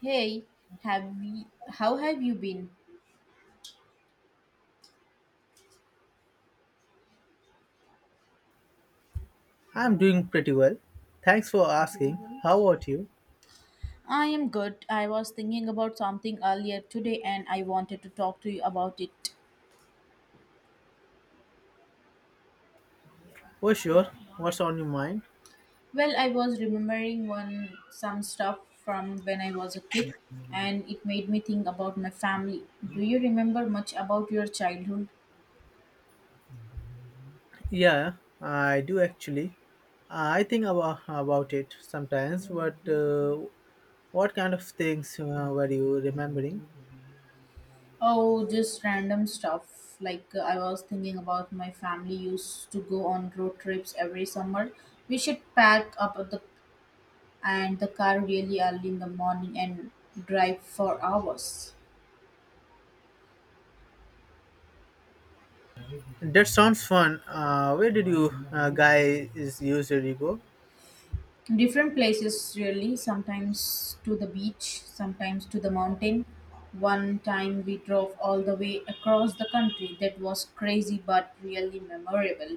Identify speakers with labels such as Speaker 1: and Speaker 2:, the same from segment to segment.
Speaker 1: Hey, how have you been?
Speaker 2: I'm doing pretty well. Thanks for asking. How about you?
Speaker 1: I am good. I was thinking about something earlier today and I wanted to talk to you about it.
Speaker 2: Oh, sure. What's on your mind?
Speaker 1: Well, I was remembering one some stuff from when I was a kid and it made me think about my family. Do you remember much about your childhood?
Speaker 2: Yeah, I do actually. I think about it sometimes, but what kind of things were you remembering?
Speaker 1: Oh, just random stuff. Like I was thinking about my family used to go on road trips every summer. We should pack up the and the car really early in the morning and drive for hours
Speaker 2: That sounds fun. Where did you guys usually go?
Speaker 1: different places, really. Sometimes to the beach, sometimes to the mountain. One time we drove all the way across the country. That was crazy but really memorable.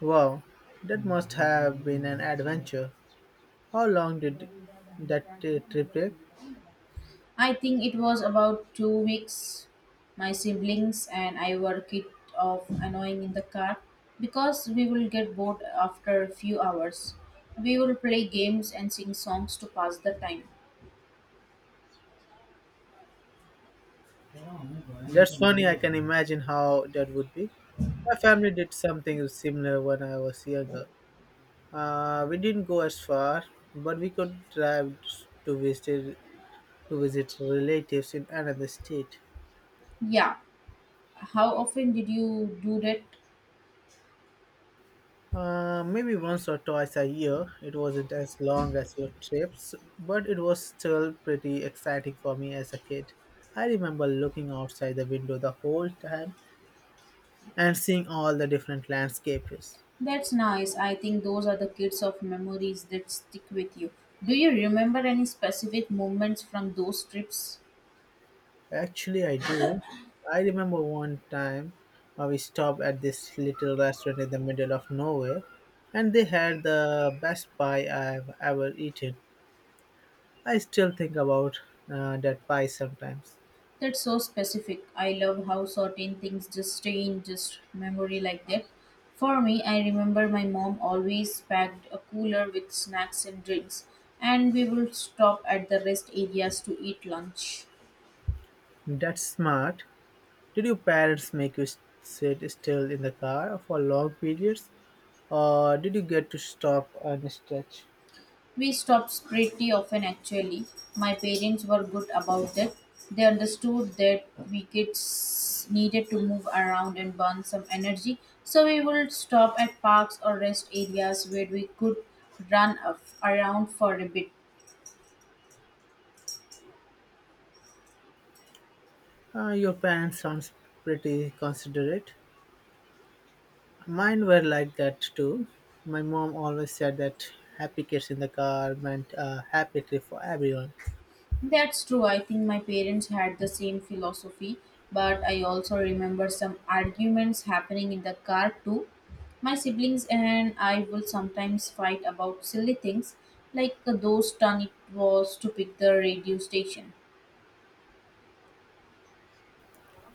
Speaker 2: Wow, that must have been an adventure. How long did that trip take?
Speaker 1: I think it was about 2 weeks. My siblings and I were kicked off annoying in the car because we will get bored after a few hours. We will play games and sing songs to pass the time.
Speaker 2: That's funny. I can imagine how that would be. My family did something similar when I was younger. We didn't go as far, but we could drive to visit to visit relatives in another state.
Speaker 1: Yeah. How often did you do that?
Speaker 2: Maybe once or twice a year. It wasn't as long as your trips, but it was still pretty exciting for me as a kid. I remember looking outside the window the whole time and seeing all the different landscapes.
Speaker 1: That's nice. I think those are the kids of memories that stick with you. Do you remember any specific moments from those trips?
Speaker 2: Actually, I do. I remember one time we stopped at this little restaurant in the middle of nowhere, and they had the best pie I've ever eaten. I still think about that pie sometimes.
Speaker 1: That's so specific. I love how certain things just stay in just memory like that. For me, I remember my mom always packed a cooler with snacks and drinks, and we would stop at the rest areas to eat lunch.
Speaker 2: That's smart. Did your parents make you sit still in the car for long periods, or did you get to stop and stretch?
Speaker 1: We stopped pretty often, actually. My parents were good about it. They understood that we kids needed to move around and burn some energy, so we would stop at parks or rest areas where we could around for a bit.
Speaker 2: Your parents sounds pretty considerate. Mine were like that too. My mom always said that happy kids in the car meant a happy trip for everyone.
Speaker 1: That's true. I think my parents had the same philosophy, but I also remember some arguments happening in the car too. My siblings and I will sometimes fight about silly things like those turn it was to pick the radio station.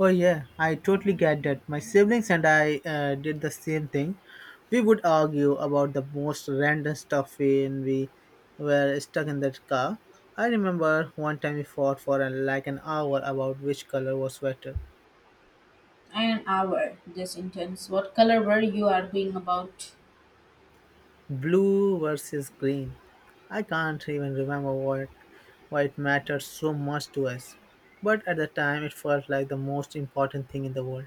Speaker 2: Oh yeah, I totally get that. My siblings and I did the same thing. We would argue about the most random stuff when we were stuck in that car. I remember one time we fought for like an hour about which color was better.
Speaker 1: An hour, this intense. What color were you arguing about?
Speaker 2: Blue versus green. I can't even remember what why it mattered so much to us. But at the time it felt like the most important thing in the world.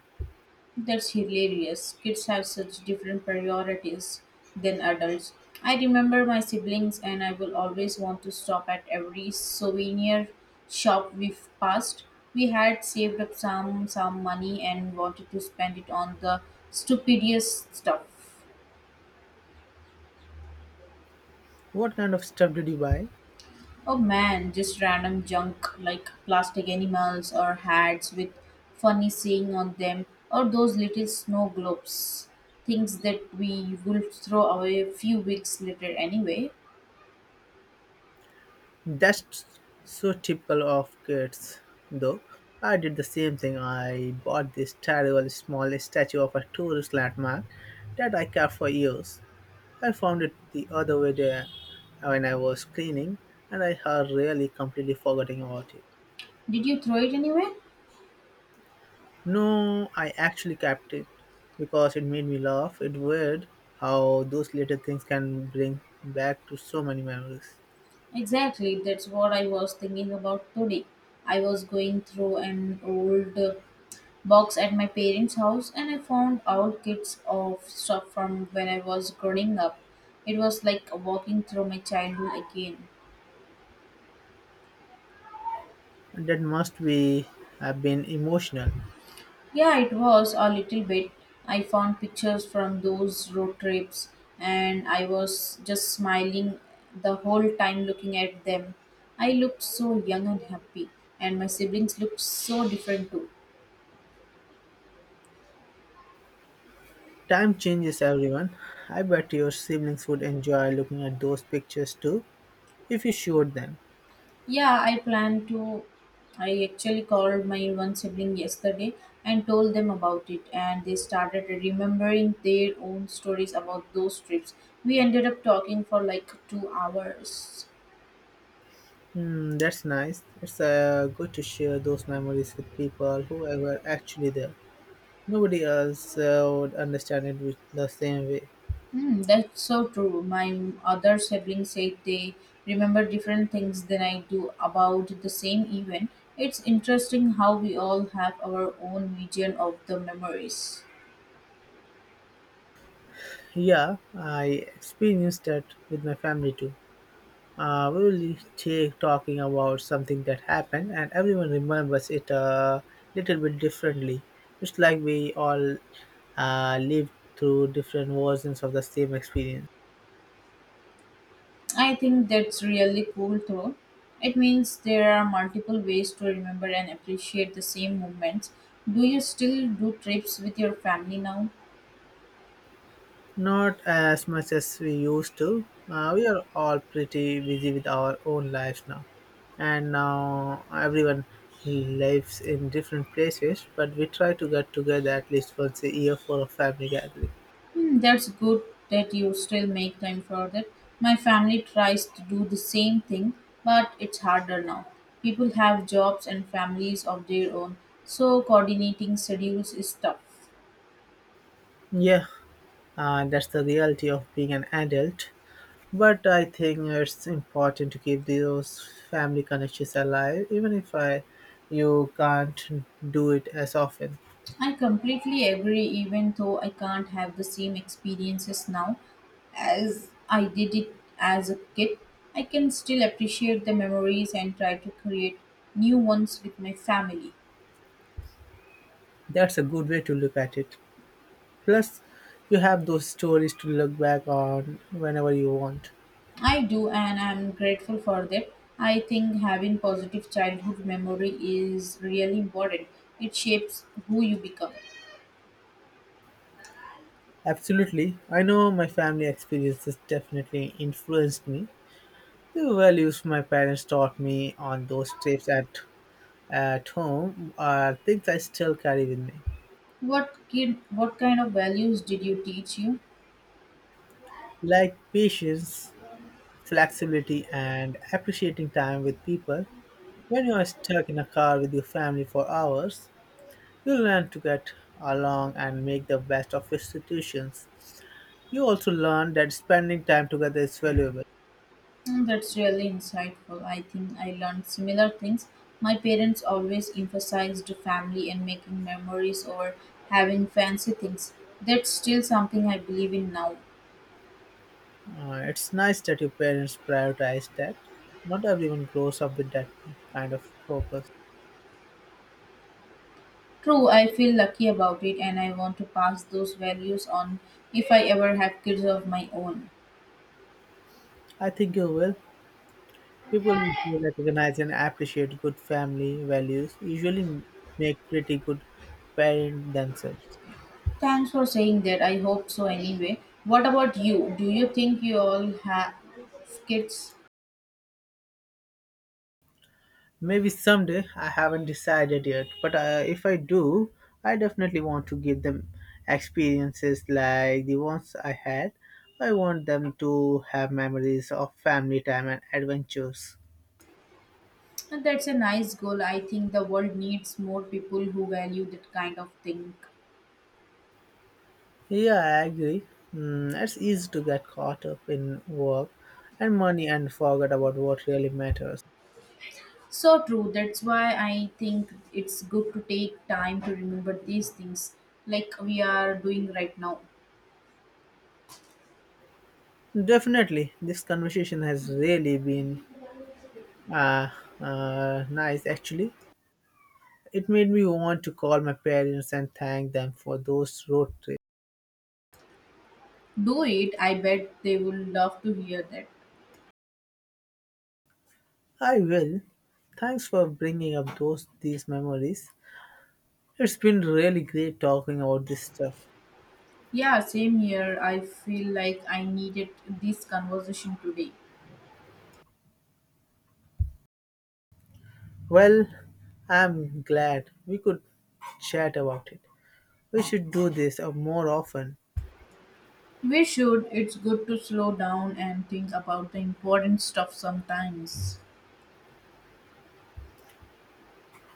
Speaker 1: That's hilarious. Kids have such different priorities than adults. I remember my siblings, and I will always want to stop at every souvenir shop we've passed. We had saved up some money and wanted to spend it on the stupidest stuff.
Speaker 2: What kind of stuff did you buy?
Speaker 1: Oh man, just random junk like plastic animals or hats with funny saying on them, or those little snow globes. Things that we will throw away a few weeks later anyway.
Speaker 2: That's so typical of kids though. I did the same thing. I bought this terrible small statue of a tourist landmark that I kept for years. I found it the other way there when I was cleaning, and I had really completely forgotten about it.
Speaker 1: Did you throw it anywhere?
Speaker 2: No, I actually kept it because it made me laugh. It's weird how those little things can bring back to so many memories.
Speaker 1: Exactly, that's what I was thinking about today. I was going through an old box at my parents' house and I found old kits of stuff from when I was growing up. It was like walking through my childhood again.
Speaker 2: And that must be have been emotional.
Speaker 1: Yeah, it was a little bit. I found pictures from those road trips and I was just smiling the whole time looking at them. I looked so young and happy, and my siblings looked so different too.
Speaker 2: Time changes everyone. I bet your siblings would enjoy looking at those pictures too if you showed them.
Speaker 1: Yeah, I plan to. I actually called my one sibling yesterday and told them about it, and they started remembering their own stories about those trips. We ended up talking for like 2 hours.
Speaker 2: Hmm, that's nice. It's good to share those memories with people who were actually there. Nobody else would understand it with the same way.
Speaker 1: Hmm, that's so true. My other siblings say they remember different things than I do about the same event. It's interesting how we all have our own vision of the memories.
Speaker 2: Yeah, I experienced that with my family too. We will take talking about something that happened, and everyone remembers it a little bit differently. It's like we all lived through different versions of the same experience.
Speaker 1: I think that's really cool though. It means there are multiple ways to remember and appreciate the same moments. Do you still do trips with your family now?
Speaker 2: Not as much as we used to. We are all pretty busy with our own lives now, and now everyone lives in different places. But we try to get together at least once a year for a family gathering.
Speaker 1: Hmm, that's good that you still make time for that. My family tries to do the same thing, but it's harder now. People have jobs and families of their own, so coordinating schedules is tough.
Speaker 2: Yeah, that's the reality of being an adult. But I think it's important to keep those family connections alive, even if I, you can't do it as often.
Speaker 1: I completely agree, even though I can't have the same experiences now as I did it as a kid. I can still appreciate the memories and try to create new ones with my family.
Speaker 2: That's a good way to look at it. Plus, you have those stories to look back on whenever you want.
Speaker 1: I do, and I'm grateful for them. I think having positive childhood memory is really important. It shapes who you become.
Speaker 2: Absolutely. I know my family experiences definitely influenced me. The values my parents taught me on those trips at home are things I still carry with me.
Speaker 1: What kid, what kind of values did you teach you?
Speaker 2: Like patience, flexibility, and appreciating time with people. When you are stuck in a car with your family for hours, you learn to get along and make the best of your situations. You also learn that spending time together is valuable.
Speaker 1: Hmm, that's really insightful. I think I learned similar things. My parents always emphasized family and making memories or having fancy things. That's still something I believe in now.
Speaker 2: It's nice that your parents prioritize that. Not everyone grows up with that kind of focus.
Speaker 1: True, I feel lucky about it and I want to pass those values on if I ever have kids of my own.
Speaker 2: I think you will. People who recognize and appreciate good family values usually make pretty good parents themselves.
Speaker 1: Thanks for saying that. I hope so anyway. What about you? Do you think you all have kids?
Speaker 2: Maybe someday, I haven't decided yet, but if I do, I definitely want to give them experiences like the ones I had. I want them to have memories of family time and adventures.
Speaker 1: And that's a nice goal. I think the world needs more people who value that kind of thing.
Speaker 2: Yeah, I agree. Mm, it's easy to get caught up in work and money and forget about what really matters.
Speaker 1: So true. That's why I think it's good to take time to remember these things like we are doing right now.
Speaker 2: Definitely, this conversation has really been uh, nice actually. It made me want to call my parents and thank them for those road trips.
Speaker 1: Do it. I bet they will love to hear that.
Speaker 2: I will. Thanks for bringing up those these memories. It's been really great talking about this stuff.
Speaker 1: Yeah, same here. I feel like I needed this conversation today.
Speaker 2: Well, I'm glad we could chat about it. We should do this more often.
Speaker 1: We should. It's good to slow down and think about the important stuff sometimes.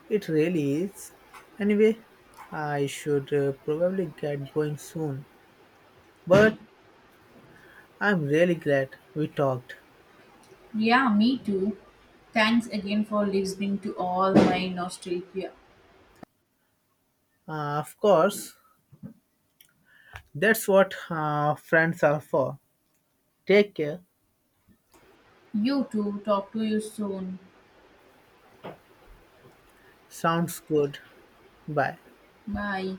Speaker 2: It really is. Anyway, I should probably get going soon. But I'm really glad we talked.
Speaker 1: Yeah, me too. Thanks again for listening to all my nostalgia.
Speaker 2: Of course, that's what friends are for. Take care.
Speaker 1: You too. Talk to you soon.
Speaker 2: Sounds good. Bye.
Speaker 1: Bye.